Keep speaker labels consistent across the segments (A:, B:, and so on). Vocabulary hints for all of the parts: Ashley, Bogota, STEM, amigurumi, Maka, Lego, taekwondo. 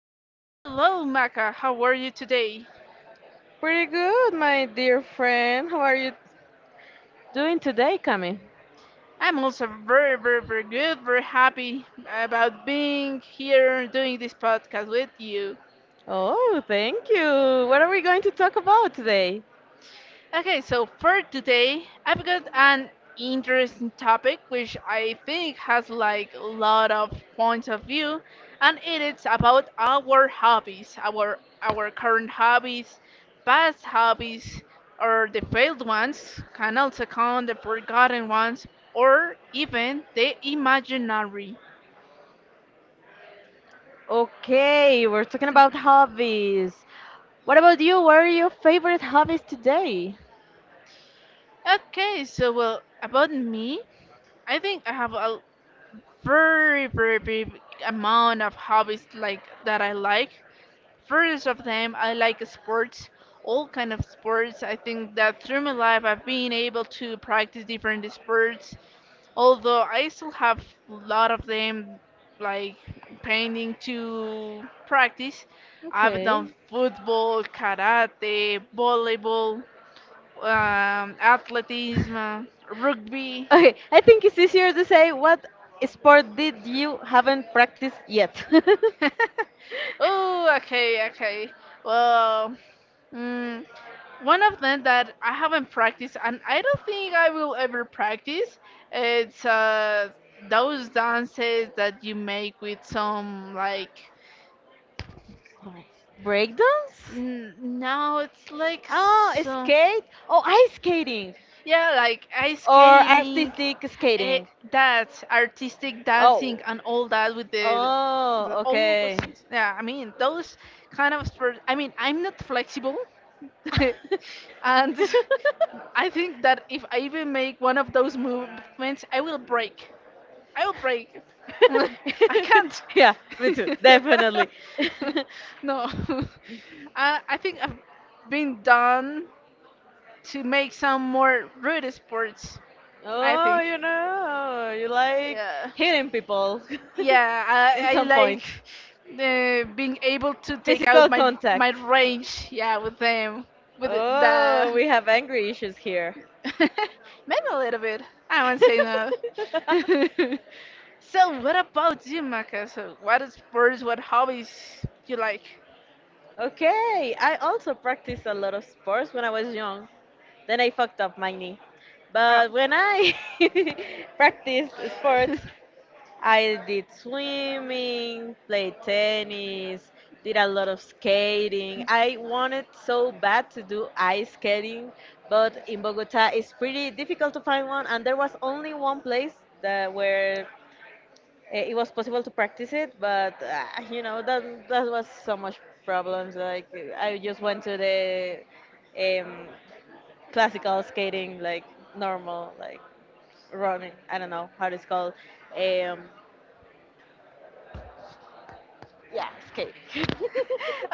A: hello, hello, Maka. How are you today?
B: Pretty good, my dear friend. How are you doing today, Cami?
A: I'm also very, very, very good, very happy about being here doing this podcast with you.
B: Oh, thank you. What are we going to talk about today?
A: Okay, so for today, I've got an interesting topic which I think has like a lot of points of view, and it is about our hobbies, our current hobbies, past hobbies, or the failed ones, can also count the forgotten ones, or even the imaginary.
B: Okay, we're talking about hobbies. What about you? What are your favorite hobbies today?
A: Okay, so well, about me, I think I have a very, very big amount of hobbies like that I like. First of them, I like sports, all kind of sports. I think that through my life I've been able to practice different sports, although I still have a lot of them like painting to practice. I've done
B: Okay.
A: football, karate, volleyball, athleticism, rugby.
B: Okay, I think it's easier to say what sport did you haven't practiced yet?
A: Oh, okay, okay. Well, mm, one of them that I haven't practiced, and I don't think I will ever practice, it's those dances that you make with some like.
B: Breakdance?
A: No, it's like
B: Oh,
A: some.
B: skate? Oh, ice skating.
A: Yeah, like ice
B: Or
A: skating,
B: artistic
A: eh,
B: skating.
A: that artistic
B: Oh.
A: dancing, and all that with the
B: Oh,
A: all
B: okay.
A: those things. Yeah, I mean those kind of sports. I mean I'm not flexible, and I think that if I even make one of those movements, I will break. I will break. I can't.
B: Yeah, me too, definitely.
A: No. I think I've been done to make some more rude sports. I
B: Oh,
A: think.
B: you like
A: Yeah.
B: hitting people
A: Yeah,
B: in
A: I
B: some
A: like
B: point.
A: being able to take out
B: Physical
A: my
B: contact.
A: my range. Yeah, with them, with
B: Oh,
A: the
B: we have angry issues here.
A: maybe a little bit. I won't say no. So, what about you, Maka? So, what is sports, what hobbies you like?
B: Okay, I also practiced a lot of sports when I was young. Then I fucked up my knee.
A: Oh.
B: But when I practiced sports, I did swimming, played tennis, did a lot of skating. I wanted so bad to do ice skating, but in Bogota it's pretty difficult to find one, and there was only one place that where it was possible to practice it. But you know that that was so much problems. Like I just went to the um, classical skating, like normal, like running. I don't know how it's called. Um, Yes, cake.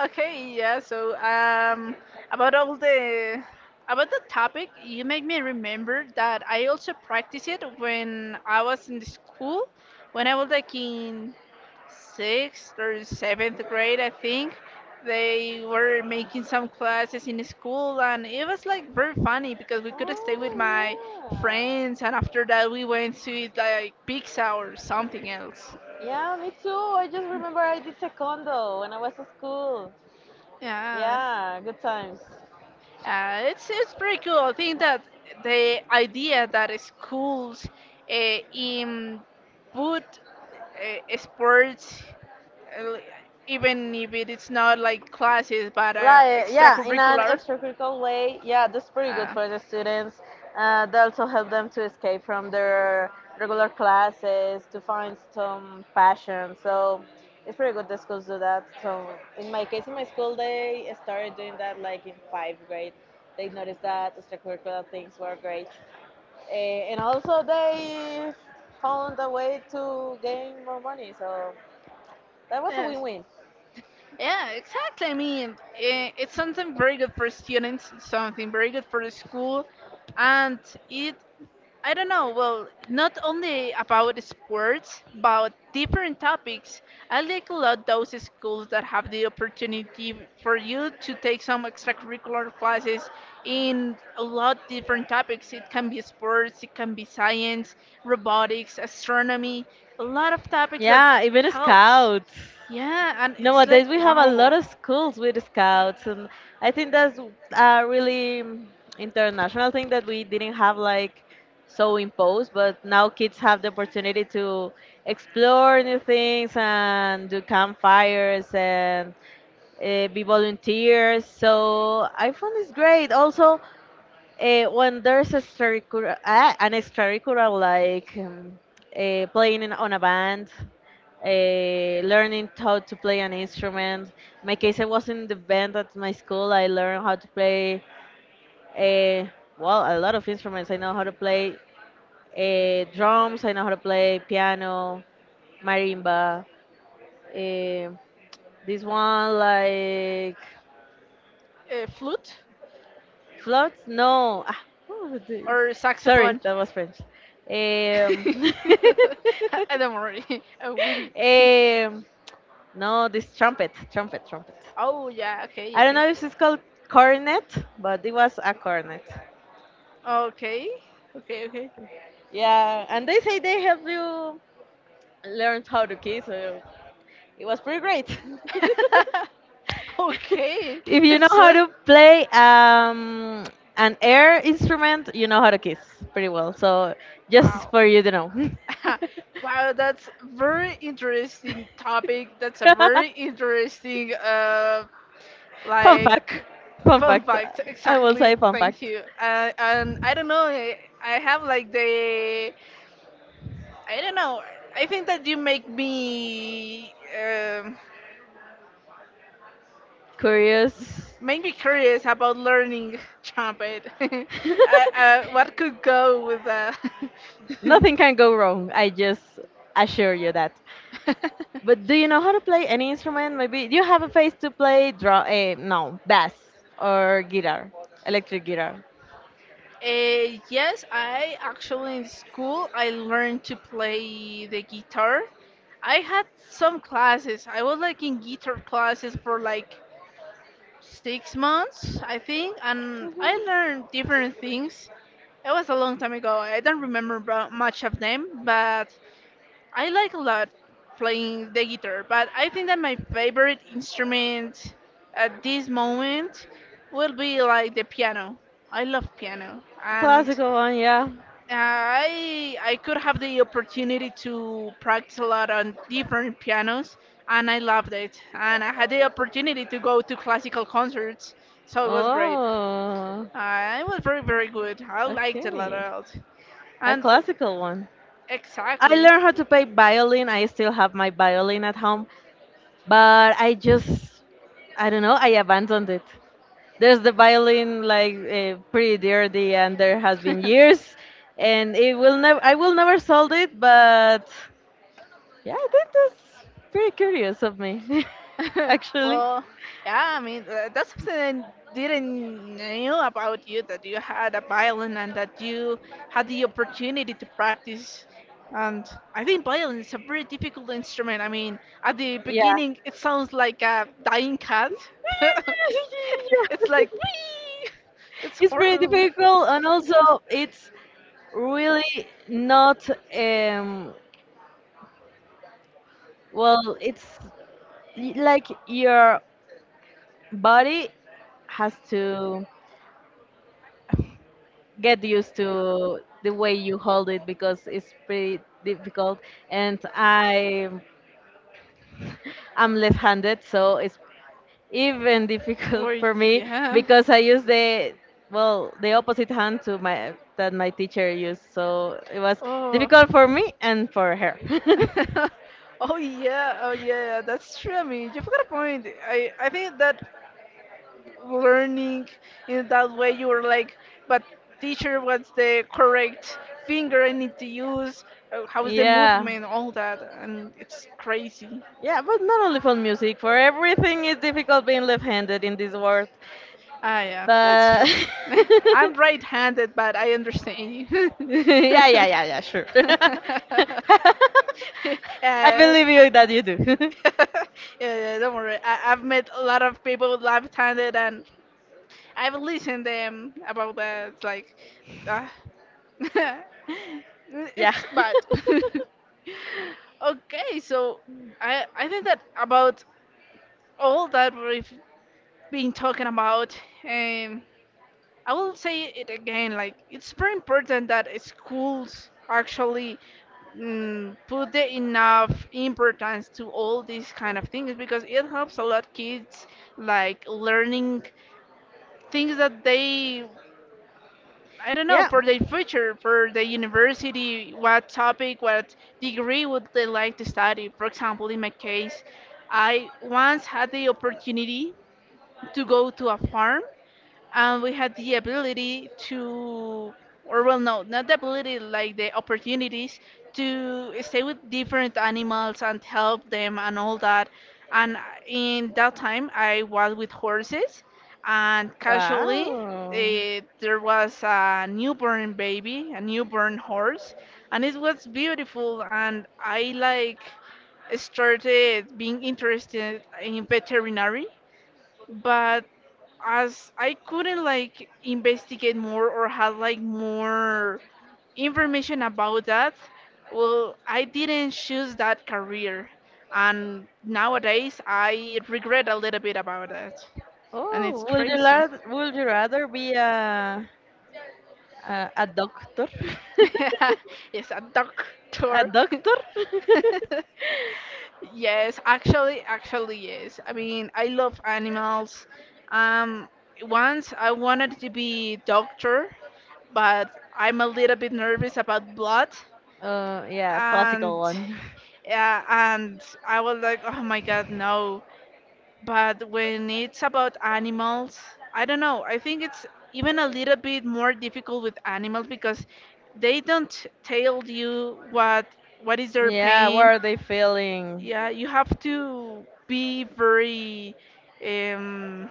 A: Okay, yeah. So, about all the about the topic, you make me remember that I also practiced it when I was in the school, when I was like in sixth or seventh grade, I think. They were making some classes in school, and it was like very funny because we could stay with my
B: Oh,
A: friends, and after that we went to eat like pizza or something else.
B: yeah. Yeah, me too. I just remember I did taekwondo when I was at school.
A: Yeah.
B: Yeah, good times.
A: It's pretty cool. I think that the idea that schools in put sports, uh, even if it is not like classes but
B: Like, yeah, in an
A: extracurricular.
B: extracurricular way, yeah, that's pretty good
A: Uh,
B: for the students. They also help them to escape from their regular classes to find some passion. So it's pretty good that schools do that. So in my case, in my school, they started doing that like in fifth grade. They noticed that extracurricular things were great, and also they found a way to gain more money. So that was a
A: Yes.
B: win-win.
A: Yeah, exactly. I mean, it's something very good for students. It's something very good for the school, and it I don't know. Well, not only about sports, but different topics. I like a lot those schools that have the opportunity for you to take some extracurricular classes in a lot different topics. It can be sports, it can be science, robotics, astronomy, a lot of topics that
B: Yeah, even
A: helps.
B: scouts.
A: Yeah, and it's like
B: Nowadays, we have a lot
A: wow,
B: of schools with scouts, and I think that's a really international thing that we didn't have like so imposed, but now kids have the opportunity to explore new things and do campfires and be volunteers. So I found it's great. Also, when there's an extracurricular like playing on a band, learning how to play an instrument. My case, I was in the band at my school. I learned how to play, uh, well, a lot of instruments. I know how to play drums. I know how to play piano, marimba. Uh, this one, like
A: a flute
B: Floats? No. What was this?
A: or
B: Sorry,
A: saxophone.
B: that was French. Um,
A: I don't worry, a wee wee.
B: um, no, this trumpet.
A: Oh yeah, okay,
B: I don't
A: okay.
B: know if it's called cornet, but it was a cornet.
A: Okay. Okay, okay.
B: Yeah, and they say they help you learn how to kiss. So it was pretty great.
A: Okay.
B: If you know
A: That's
B: how to play an air instrument, you know how to kiss pretty well. So
A: wow.
B: just for you to know.
A: Wow, that's very interesting topic. That's a very interesting
B: Fun
A: like
B: fact. Fun
A: fun
B: fact.
A: fact.
B: I will
A: Exactly.
B: say fun
A: Thank
B: fact.
A: you. And I don't know. I have like the I don't know. I think that you make me
B: Curious.
A: make me curious about learning trumpet. What could go with that?
B: Nothing can go wrong. I just assure you that. But do you know how to play any instrument? Maybe do you have a face to play drum, no, bass or guitar, electric guitar.
A: Yes, I actually in school I learned to play the guitar. I had some classes. I was like in guitar classes for like 6 months, I think, and I learned different things. It was a long time ago. I don't remember much of them, but I like a lot playing the guitar, but I think that my favorite instrument at this moment will be like the piano. I love piano, and
B: Classical one, yeah.
A: I could have the opportunity to practice a lot on different pianos, and I loved it. And I had the opportunity to go to classical concerts, so it was great.
B: Oh,
A: It was very very good. I liked it a
B: okay.
A: lot,
B: A
A: and
B: classical one. I
A: exactly.
B: learned how to play violin. I still have my violin at home, but I don't know, I abandoned it. There's the violin like pretty dirty, and there has been years, and it will never, I will never sold it, but yeah, I think that's very curious of me, actually.
A: Well, yeah, I mean, that's something I didn't know about you that you had a violin and that you had the opportunity to practice. And I think violin is a very difficult instrument. I mean, at the
B: Yeah.
A: beginning, it sounds like a dying cat. It's like, wee! It's
B: It's pretty
A: horrible.
B: difficult, and also it's really not. Um, well, it's like your body has to get used to the way you hold it because it's pretty difficult. And I'm left-handed, so it's even difficult
A: Or,
B: for me
A: yeah.
B: because I use the well the opposite hand to my that my teacher used, so it was
A: Oh.
B: difficult for me and for her.
A: Oh yeah, oh yeah, that's true. I mean, you've got a point. I think that learning in that way, you were like, but teacher, what's the correct finger I need to use? How is the
B: Yeah,
A: movement? All that, and it's crazy.
B: yeah, but not only for music, for everything is difficult being left-handed in this world.
A: Ah yeah, that's true.
B: But
A: I'm right-handed, but I understand you.
B: yeah, yeah, yeah, yeah, sure. I
A: Yeah.
B: believe you that you do.
A: Yeah, yeah, don't worry. I've met a lot of people live talented and I've listened them about that. It's like, uh,
B: Yeah.
A: it's bad. Okay, so I think that about all that we've been talking about. Um, I will say it again, like it's very important that schools actually put the enough importance to all these kind of things because it helps a lot kids like learning things that they I don't know
B: Yeah.
A: for their future, for the university, what topic, what degree would they like to study. For example, in my case, I once had the opportunity to go to a farm and we had the ability to or well no not the ability like the opportunities to stay with different animals and help them and all that and in that time I was with horses and casually
B: Wow.
A: there was a newborn baby a newborn horse and it was beautiful and I like started being interested in veterinary but as I couldn't like investigate more or had like more information about that, well, I didn't choose that career. And nowadays I regret a little bit about that. And it's
B: Oh, would you
A: crazy.
B: rather would you rather be a doctor?
A: Yes, a
B: A
A: doctor.
B: doctor?
A: Yes, actually, actually, yes. I mean, I love animals. Um, once I wanted to be doctor, but I'm a little bit nervous about blood,
B: Yeah,
A: and
B: classical one.
A: yeah, and I was like, oh my god, no. But when it's about animals, I don't know. I think it's even a little bit more difficult with animals because they don't tell you what is their
B: Yeah, what
A: pain.
B: are they feeling?
A: Yeah, you have to be very um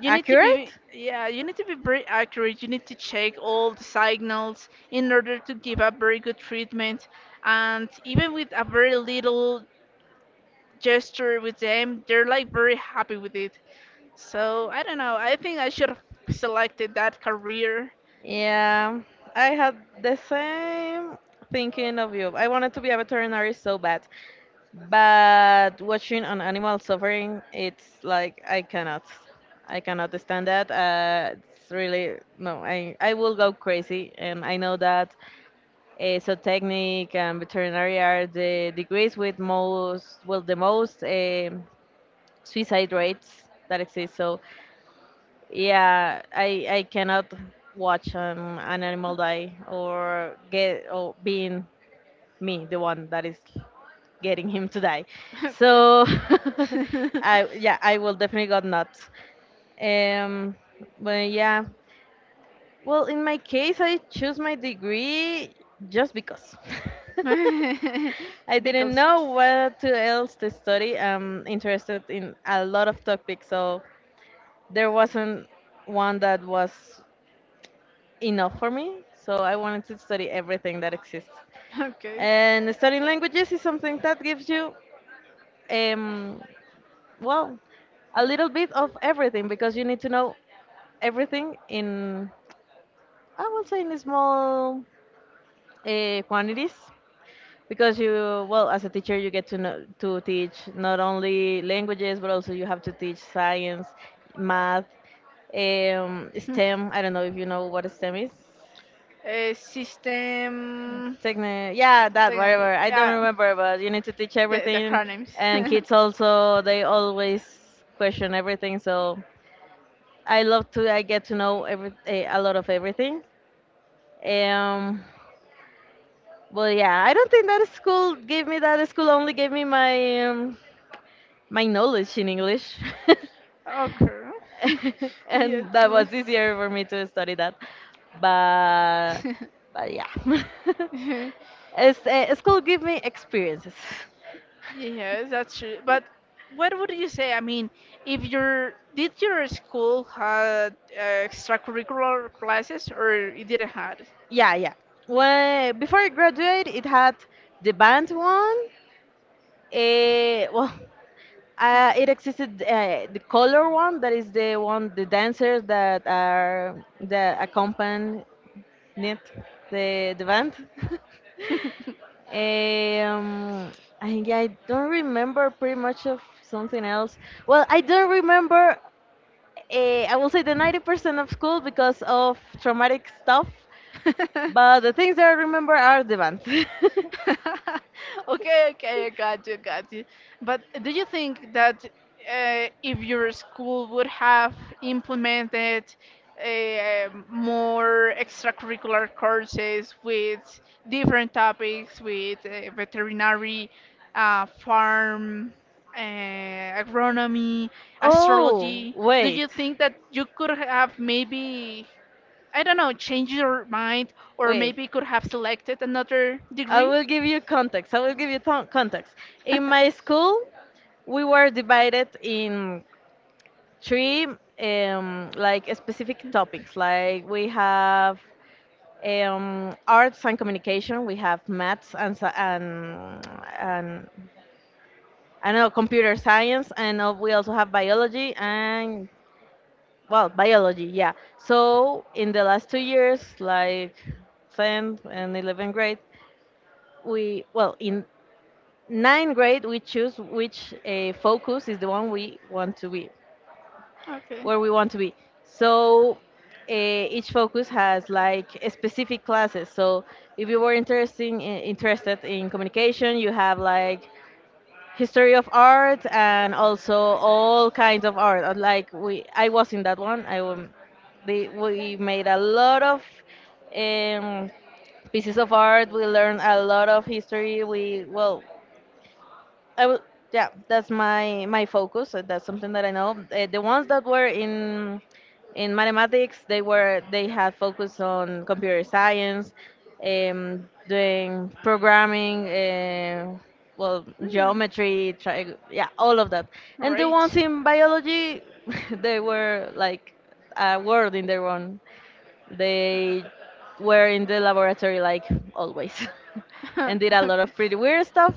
A: you need to be
B: Accurate.
A: yeah you need to be very accurate you need to check all the signals in order to give a very good treatment and even with a very little gesture with them they're like very happy with it so I don't know I think I should have selected that career.
B: Yeah, I had the same thinking of you. I wanted to be a veterinary so bad, but watching an animal suffering, it's like I cannot stand that. It's really no. I will go crazy, and I know that zootechnic and veterinary are the degrees with most, well, the most suicide rates that exist. So yeah, I cannot watch an animal die or get or being me the one that is getting him to die. So I yeah, I will definitely got nuts. Um, but yeah, well, in my case I choose my degree just because.
A: Okay.
B: I didn't
A: Because
B: know what to else to study. I'm interested in a lot of topics, so there wasn't one that was enough for me, so I wanted to study everything that exists.
A: ok.
B: And studying languages is something that gives you, um, well, a little bit of everything because you need to know everything in, I would say, in small quantities. Because you, well, as a teacher, you get to know, to teach not only languages, but also you have to teach science, math,
A: Hmm.
B: STEM. I don't know if you know what STEM is.
A: Eh, system.
B: Technique, yeah, that whatever. I don't
A: Ah,
B: remember, but you need to teach
A: the
B: everything,
A: acronyms.
B: and kids also they always question everything. So I get to know a lot of everything. Um, but yeah, I don't think that school gave me that school only gave me my knowledge in English,
A: Okay. Yeah,
B: and that was easier for me to study that. But but yeah, school gave me experiences.
A: yeah, that's true. But what would you say? I mean, if your did your school had extracurricular classes or it didn't had?
B: Yeah, yeah. Well, before I graduate, it had the band one. Well, it existed the color one. That is the one the dancers that are the accompany the the band. um, I Yeah, I don't remember pretty much of something else. Well, I don't remember. I will say the 90% of school because of traumatic stuff. But the things that I remember are the band.
A: Okay, okay, I got you, got you. But do you think that if your school would have implemented more extracurricular courses with different topics, with veterinary, farm, uh, agronomy,
B: Oh,
A: astrology, do
B: wait,
A: you think that you could have maybe I don't know, change your mind or
B: wait.
A: maybe could have selected another
B: I
A: degree?
B: will give you context. I will give you context. In my school, we were divided in three like specific topics. Like we have arts and communication, we have maths and and I don't know computer science, and we also have biology and well biology, yeah, so in the last 2 years like 10th and 11th grade we well in 9th grade we choose which focus is the one we want to be
A: Okay.
B: where we want to be so each focus has like a specific classes so if you were interested in communication you have like history of art and also all kinds of art. Like I was in that one. We made a lot of um, pieces of art. We learned a lot of history. We well, I will, yeah, That's my focus. That's something that I know. The ones that were in mathematics, they had focus on computer science, doing programming, well,
A: Hmm.
B: geometry, all of that. And the ones
A: Great.
B: in biology, they were like a world in their own. They were in the laboratory like always and did a lot of pretty weird stuff.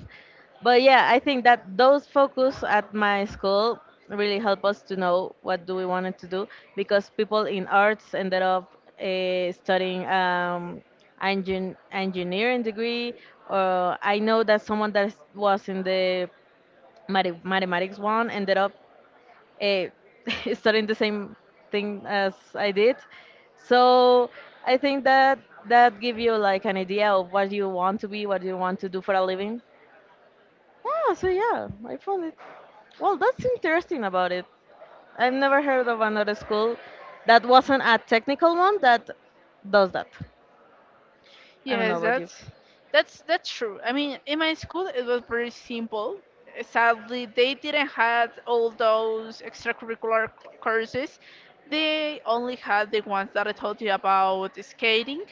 B: But yeah, I think that those focus at my school really help us to know what do we wanted to do because people in arts ended up studying engineering degree or I know that someone that was in the mathematics one ended up uh, studying the same thing as I did. So I think that that give you like an idea of what you want to be, what you want to do for a living. Yeah, so yeah, I found it. Well, that's interesting about it. I've never heard of another school that wasn't a technical one that does that. I don't know
A: Yes,
B: about you.
A: that's that's true. I mean, in my school it was very simple. Sadly, they didn't have all those extracurricular courses. They only had the ones that I told you about skating,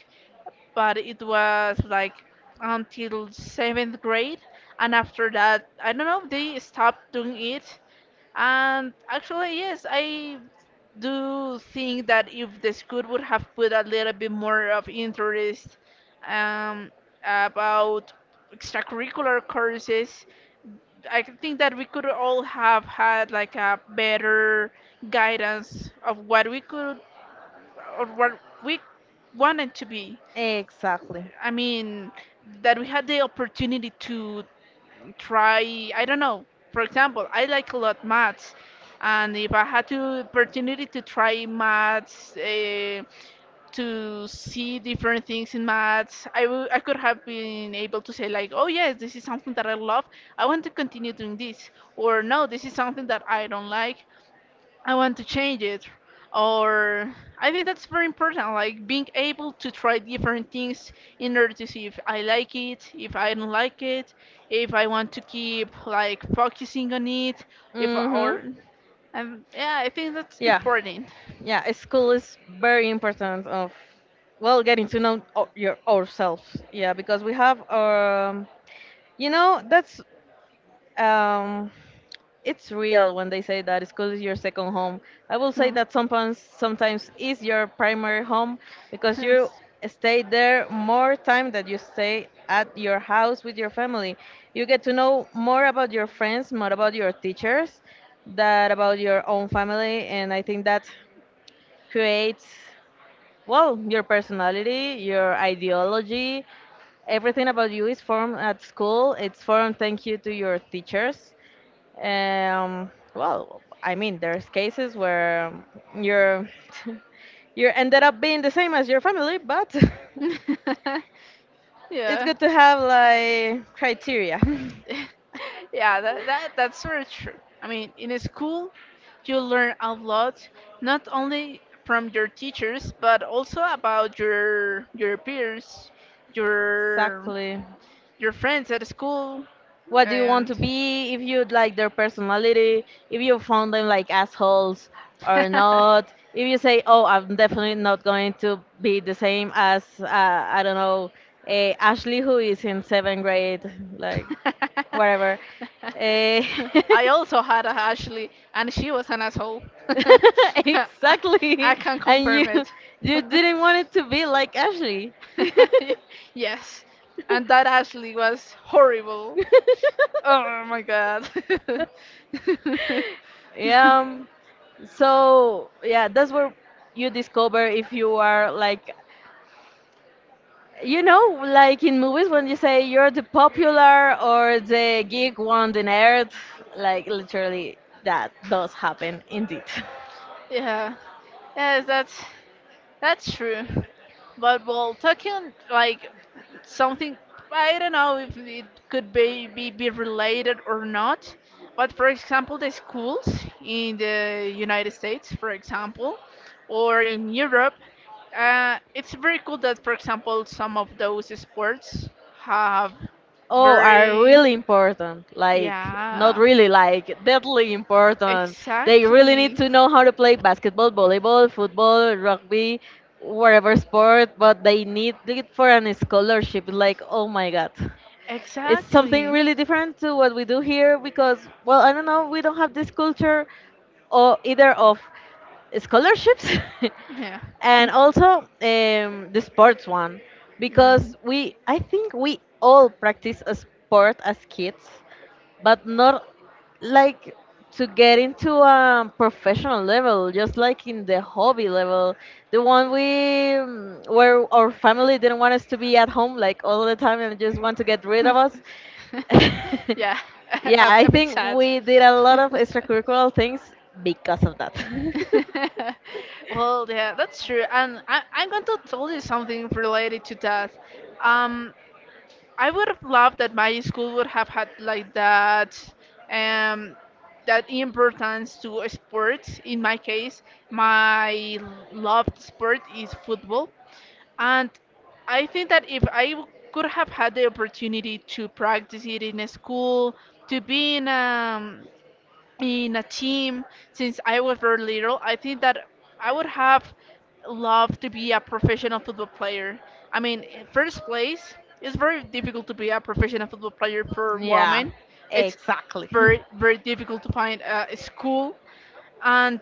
A: but it was like until seventh grade, and after that, I don't know, they stopped doing it and actually, yes, I do think that if the school would have put a little bit more of interest um, about extracurricular courses, I can think that we could all have had like a better guidance of what we could or what we wanted to be.
B: Exactly.
A: I mean, that we had the opportunity to try I don't know for example I like a lot maths and if I had the opportunity to try maths to see different things in maths I could have been able to say like oh yes this is something that I love I want to continue doing this or no this is something that I don't like I want to change it. Or I think that's very important, like being able to try different things in order to see if I like it, if I don't like it, if I want to keep like focusing on it, if
B: Mhm.
A: or and yeah, I think that's
B: Yeah.
A: important.
B: Yeah, school is very important of getting to know o- your ourselves. Yeah, because we have you know that's um it's real when they say that school is your second home. I will say that sometimes is your primary home because
A: Hmm. Huh.
B: you stay there more time than you stay at your house with your family. You get to know more about your friends, more about your teachers, that about your own family and I think that creates well, your personality, your ideology, everything about you is formed at school. It's formed thank you to your teachers. Well, I mean, there's cases where you're you ended up being the same as your family, but it's
A: Yeah.
B: good to have like criteria.
A: Yeah, that's very true. I mean, in a school, you learn a lot, not only from your teachers, but also about your peers, your
B: Exactly.
A: your friends at school
B: What do you want
A: and
B: to be if you like their personality, if you found them like assholes or not, if you say, oh, I'm definitely not going to be the same as I don't know, Ashley, who is in seventh grade, like whatever. Eh,
A: I also had a Ashley, and she was an asshole. I,
B: exactly.
A: I can
B: And you
A: confirm it.
B: you didn't want it to be like Ashley.
A: Yes, and that Ashley was horrible. Oh my god.
B: Yeah. So yeah, that's where you discover if you are like, you know, like in movies when you say you're the popular or the geek one, the nerd, like literally that does happen indeed.
A: Yeah. Yes, that's true. But well, talking like something, I don't know if it could be related or not. But for example, the schools in the United States, for example, or in Europe, it's very cool that, for example, some of those sports have
B: Oh, are
A: very,
B: really important. Like not
A: yeah,
B: really, like deadly important. They really need
A: exactly,
B: to know how to play basketball, volleyball, football, rugby, whatever sport, but they need it for an scholarship. Like, oh my god. It's something
A: exactly.
B: really different to what we do here because, well, I don't know, we don't have this culture or either of scholarships.
A: Yeah.
B: And also the sports one,
A: Mm.
B: because we I think we all practice a sport as kids, but not like to get into a professional level, just like in the hobby level, the one where our family didn't want us to be at home like all the time and just want to get rid of us.
A: Yeah.
B: Yeah, I
A: A bit
B: think
A: sad.
B: we did a lot of extracurricular things because of that.
A: Well, yeah, that's true. And I'm going to tell you something related to that. Um, I would have loved that my school would have had like that um that importance to sports. In my case, my loved sport is football. And I think that if could have had the opportunity to practice it in a school, to be in a team since I was very little, I think that I would have loved to be a professional football player. I mean, in first place, it's very difficult to be a professional football player for
B: Yeah,
A: women. It's
B: exactly.
A: very, very difficult to find a school. And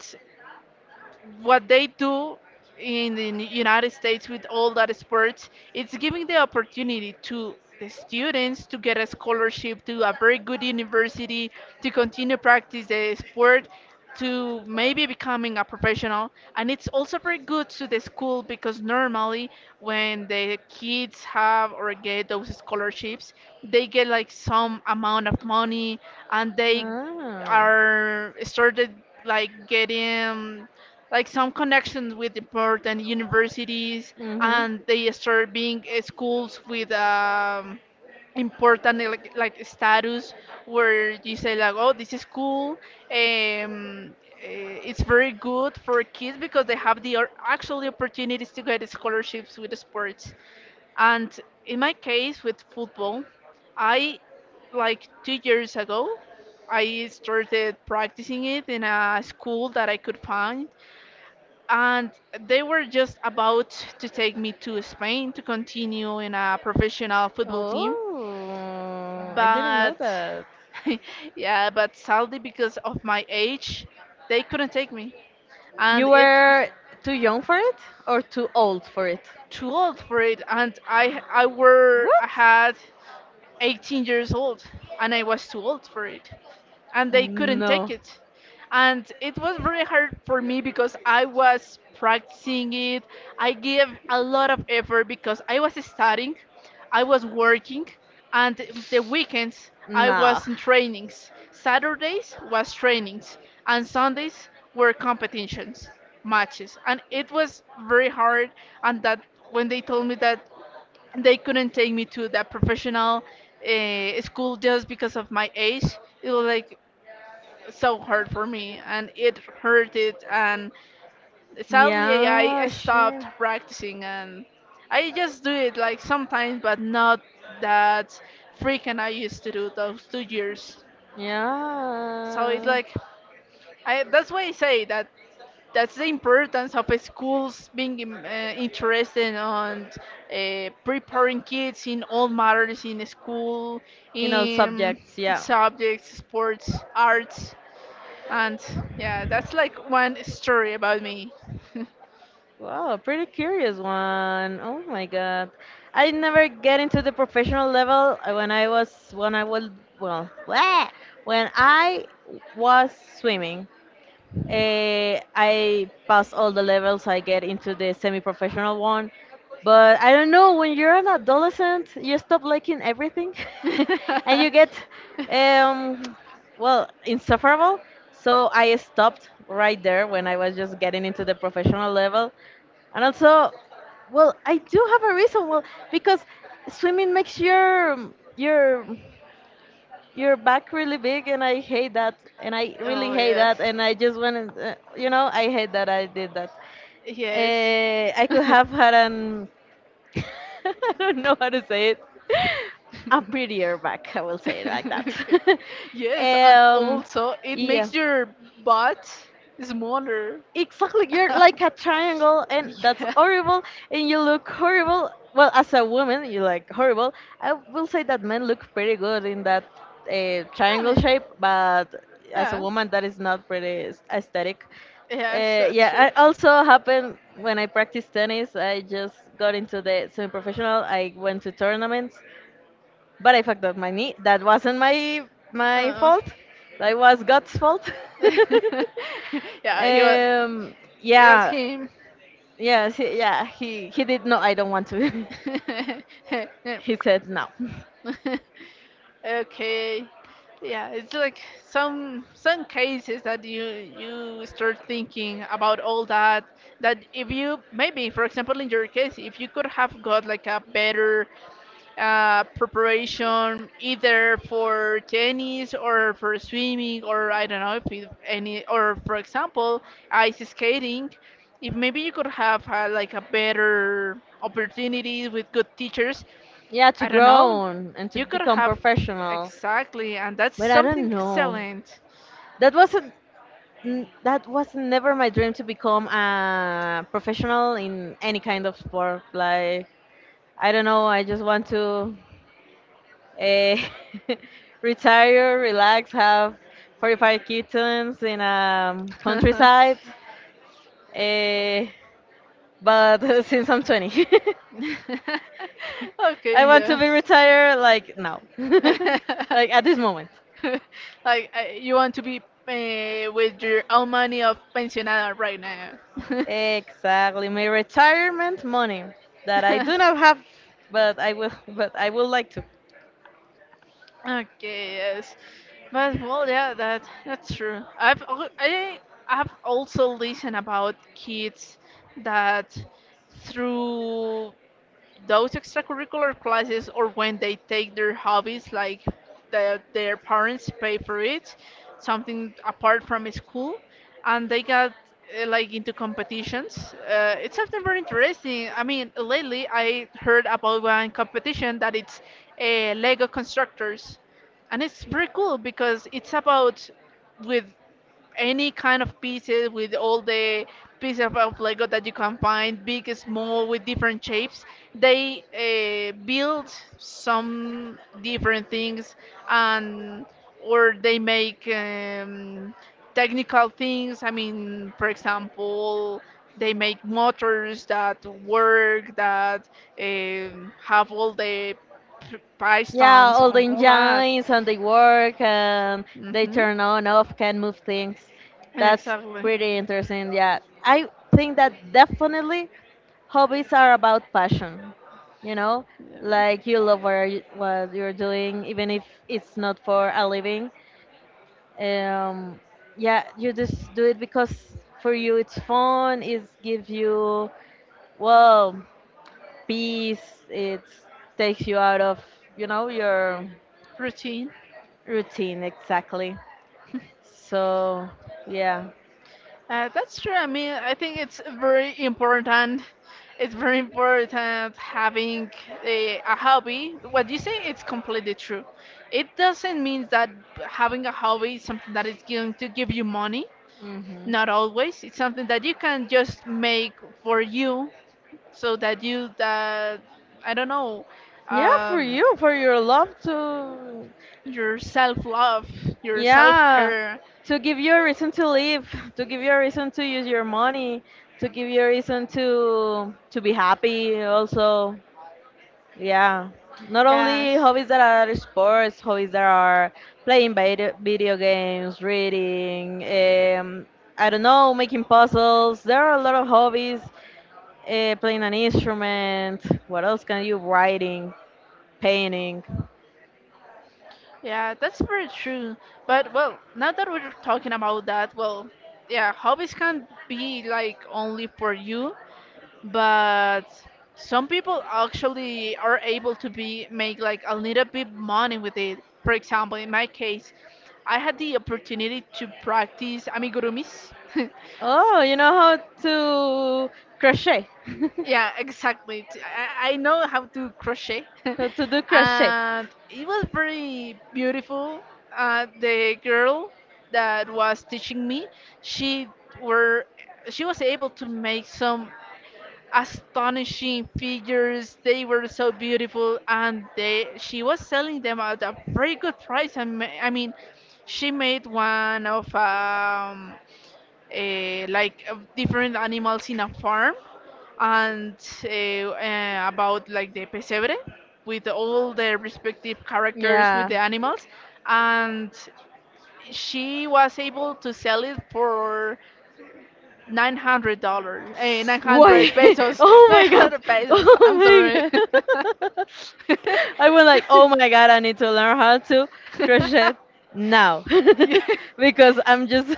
A: what they do in the United States with all that sports, it's giving the opportunity to the students to get a scholarship to a very good university, to continue practice the sport, to maybe becoming a professional. And it's also very good to the school because normally when the kids have or get those scholarships, they get like some amount of money and they
B: Ah.
A: are started like getting like some connections with important universities
B: Mhm.
A: and they start being schools with important like status where you say like, oh, this is cool. um, it's very good for kids because they have the actually opportunities to get scholarships with sports. And in my case with football, I like 2 years ago I started practicing it in a school that I could find, and they were just about to take me to Spain to continue in a professional football team.
B: Oh, I didn't know
A: But
B: that.
A: yeah, but sadly, because of my age, they couldn't take me, and
B: You
A: it's
B: were too young for it or too old for it?
A: too old for it. And I
B: What?
A: had 18 years old, and I was too old for it. And they couldn't take
B: No.
A: it. And it was very hard for me because I was practicing it. I gave a lot of effort because I was studying, I was working, and the weekends I
B: No.
A: was in trainings. Saturdays was trainings, and Sundays were competitions, matches. And it was very hard. And that when they told me that they couldn't take me to that professional school just because of my age, it was like so hard for me, and it hurted. And sadly I
B: Yeah,
A: stopped
B: sure.
A: practicing, and I just do it like sometimes, but not that freaking I used to do those 2 years. So it
B: Yeah.
A: like I that's why I say that that's the importance of schools being interested on preparing kids in all matters in school,
B: In all
A: in
B: subjects, yeah.
A: subjects, sports, arts. And yeah, that's like one story about me.
B: Wow, pretty curious one. Oh my god. I never get into the professional level when I was well, when I was swimming. I pass all the levels. I get into the semi-professional one, but I don't know. When you're an adolescent, you stop liking everything, and you get, um, well, insufferable. So I stopped right there when I was just getting into the professional level, and also, well, I do have a reason. Well, because swimming makes your your back really big, and I hate that, and I really
A: Oh,
B: hate
A: yes,
B: that, and I just want to, you know, I hate that I did that.
A: yes.
B: I could have had an I don't know how to say it, a prettier back, I will say it like that.
A: Okay. Yes, and
B: um
A: also it
B: yeah.
A: makes your butt smaller.
B: Exactly, you're like a triangle, and that's
A: Yeah.
B: horrible, and you look horrible. Well, as a woman, you like horrible. I will say that men look pretty good in that
A: I
B: triangle
A: mean,
B: shape, but as a
A: yeah.
B: woman, that is not pretty aesthetic.
A: Yes, that's true.
B: Yeah, I also happened when I practiced tennis. I just got into the semi-professional. I went to tournaments, but I fucked up my knee. That wasn't my
A: Oh.
B: fault. That was God's fault.
A: Yeah, so yeah, he was.
B: um,
A: It was
B: yeah,
A: him.
B: yeah, yeah. He did no. I don't want to.
A: Yeah.
B: He said no.
A: Okay. Yeah, it's like some cases that you start thinking about all that, that if you maybe, for example, in your case, if you could have got like a better preparation either for tennis or for swimming, or I don't know if it, any, or for example ice skating. If maybe you could have like a better opportunity with good teachers,
B: Yeah, to
A: I don't
B: grow
A: know.
B: on and to
A: You could
B: become
A: have
B: professional.
A: exactly, and that's
B: But I don't
A: something
B: know.
A: excellent.
B: That wasn't. That was never my dream to become a professional in any kind of sport. Like, I don't know. I just want to. Eh, retire, relax, have 45 kittens in a countryside. Eh, but since I'm 20, I
A: Okay,
B: want to
A: yes.
B: be retired like now, like at this moment.
A: Like, you want to be with your own money of pensionada right now.
B: Exactly, my retirement money that I do not have, but I will, but I would like to.
A: Okay, yes, but well, yeah, that that's true. I I've also listened about kids that through
B: I
A: those extracurricular classes or when they take their hobbies, like their parents pay for it, something apart from school, and they got like into competitions. It's something very
B: mean, like I
A: interesting. I mean, lately I
B: heard
A: heard
B: about
A: about one
B: competition
A: competition that it's
B: in Lego
A: lego
B: construction,
A: constructors,
B: and
A: and
B: it's
A: it's very
B: pretty cool
A: cool
B: because
A: because it's
B: it's about
A: about with any kind of
B: kind.
A: pieces, with all the pieces of Lego that you can find, big, small, with different shapes. They build some different things, and or they make technical things. I mean, for example, they make motors that work, that have all the
B: Yeah,
A: pistons
B: bicycle. All the
A: on all that.
B: engines and they work and they
A: Hmm.
B: turn on, off, can move things. That's
A: Exactly.
B: pretty interesting. Yeah. I think that definitely hobbies are about passion. You know,
A: Yeah.
B: like you love what, you, what you're doing, even if it's not for a living. Um, yeah, you just do it because for you it's fun, it gives you, well, peace, it takes you out of, you know, your
A: Routine.
B: routine, exactly. So, yeah.
A: That's true. I mean, I think it's very important. It's very important having a hobby. What you say, it's completely true. It doesn't mean that having a hobby is something that is going to give you money.
B: Hmm.
A: Not always. It's something that you can just make for you, so that you that I don't know,
B: Yeah, for
A: um,
B: you, for your love to,
A: your self love, your self
B: yeah,
A: care.
B: to give you a reason to live, to give you a reason to use your money, to give you a reason to be happy. Also, yeah, not only hobbies that are sports, hobbies that are playing video games, reading, I don't know, making puzzles. There are a lot of hobbies. Playing an instrument. What else can you? Writing, painting.
A: Yeah, that's very true. But well, now that we're talking about that, well, yeah, hobbies can be like only for you, but some people actually are able to be make like a little bit money with it. For example, in my case, I had the opportunity to practice amigurumis.
B: Oh, you know how to crochet.
A: Yeah, exactly. I know how to crochet.
B: How to do crochet.
A: And it was very beautiful. The girl that was teaching me, she were she was able to make some astonishing figures. They were so beautiful, and they she was selling them at a very good price. I mean, she made one of like of different animals in a farm, and about like the pesebre with all the respective characters with
B: Yeah.
A: the animals, and she was able to sell it for $900
B: Why?
A: 900 pesos.
B: Oh my god.
A: 900 pesos,
B: Oh
A: I'm
B: my
A: sorry.
B: god. I was like, oh my god, I need to learn how to crochet now.
A: Yeah.
B: Because I'm just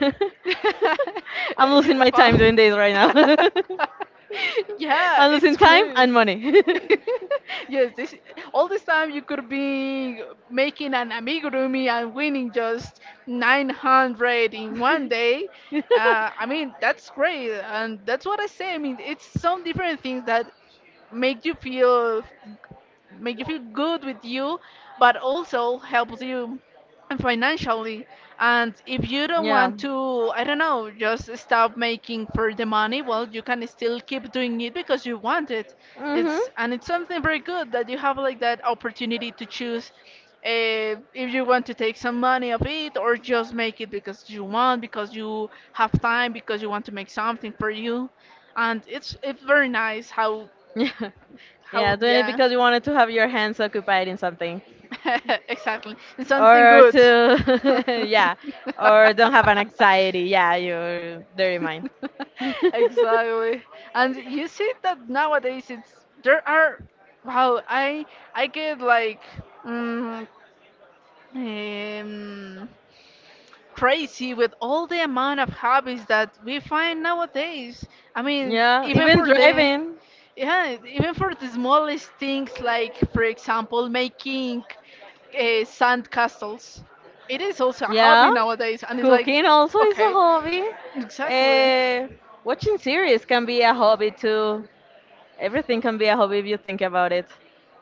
B: I'm
A: You-
B: losing my time
A: you-
B: doing this right now.
A: yeah,
B: I'm losing
A: it's
B: time
A: great.
B: and money.
A: Yes, this all this time you could be making an amigurumi and winning just 900 in one day. I mean, that's great, and that's what I say. I mean, it's some different things that make you feel make you feel good with you, but also helps you financially. And if you don't
B: Yeah.
A: want to, I don't know, just stop making for the money, well, you can still keep doing it because you want it.
B: Mhm.
A: It's and it's something very good that you have like that opportunity to choose if you want to take some money of it or just make it because you want, because you have time, because you want to make something for you. And it's very nice how
B: Yeah. Yeah, doing it
A: yeah.
B: because you wanted to have your hands occupied in something,
A: Exactly. It's something
B: or
A: good.
B: to, yeah, or don't have an anxiety. Yeah, your dirty mind.
A: Exactly. And you see that nowadays it's there are wow, I get like um, um crazy with all the amount of hobbies that we find nowadays. I mean,
B: Yeah,
A: even
B: even
A: for the
B: driving.
A: yeah, even for the smallest things, like for example making sand castles. It is also a
B: Yeah.
A: hobby nowadays, and it's like,
B: Cooking also is a
A: okay,
B: hobby.
A: exactly.
B: Uh, Watching series can be a hobby too. Everything can be a hobby if you think about it.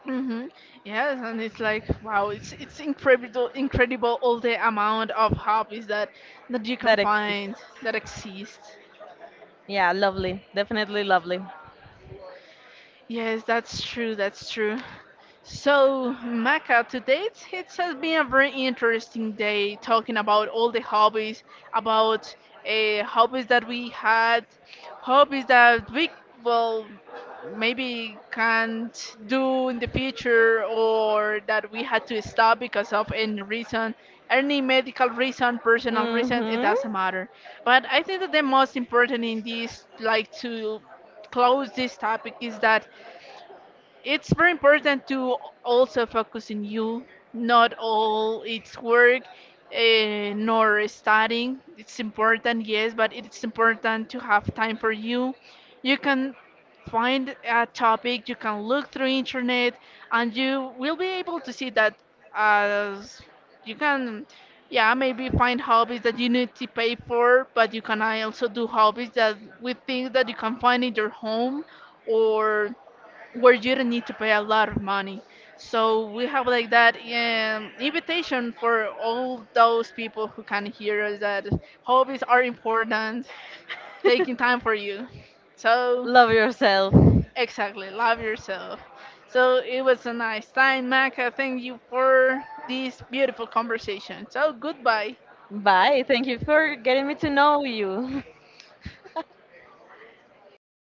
A: Hmm. Yes, and it's like, wow, it's incredible, incredible all the amount of hobbies that that you can
B: That exists.
A: find that exist.
B: Yeah, lovely. Definitely lovely.
A: Yes, that's true. That's true. So, Maka, today it's, it has been a very interesting day talking about all the hobbies, about hobbies that we had, hobbies that we, well, maybe can't do in the future or that we had to stop because of any reason, any medical reason, personal reason, it
B: Mm-hmm.
A: doesn't matter. But I think that the most important in this, like to close this topic, is that it's very important to also focus in you, not all it's work, nor studying. It's important, yes, but it's important to have time for you. You can find a topic, you can look through internet, and you will be able to see that as you can yeah maybe find hobbies that you need to pay for, but you can also do hobbies that with things that you can find in your home or where you don't need to pay a lot of money. So we have like that invitation for all those people who can hear us that hobbies are important, taking time for you. So
B: Love yourself.
A: exactly, love yourself. So it was a nice time, Mac. I thank you for this beautiful conversation. So goodbye.
B: Bye. Thank you for getting me to know you.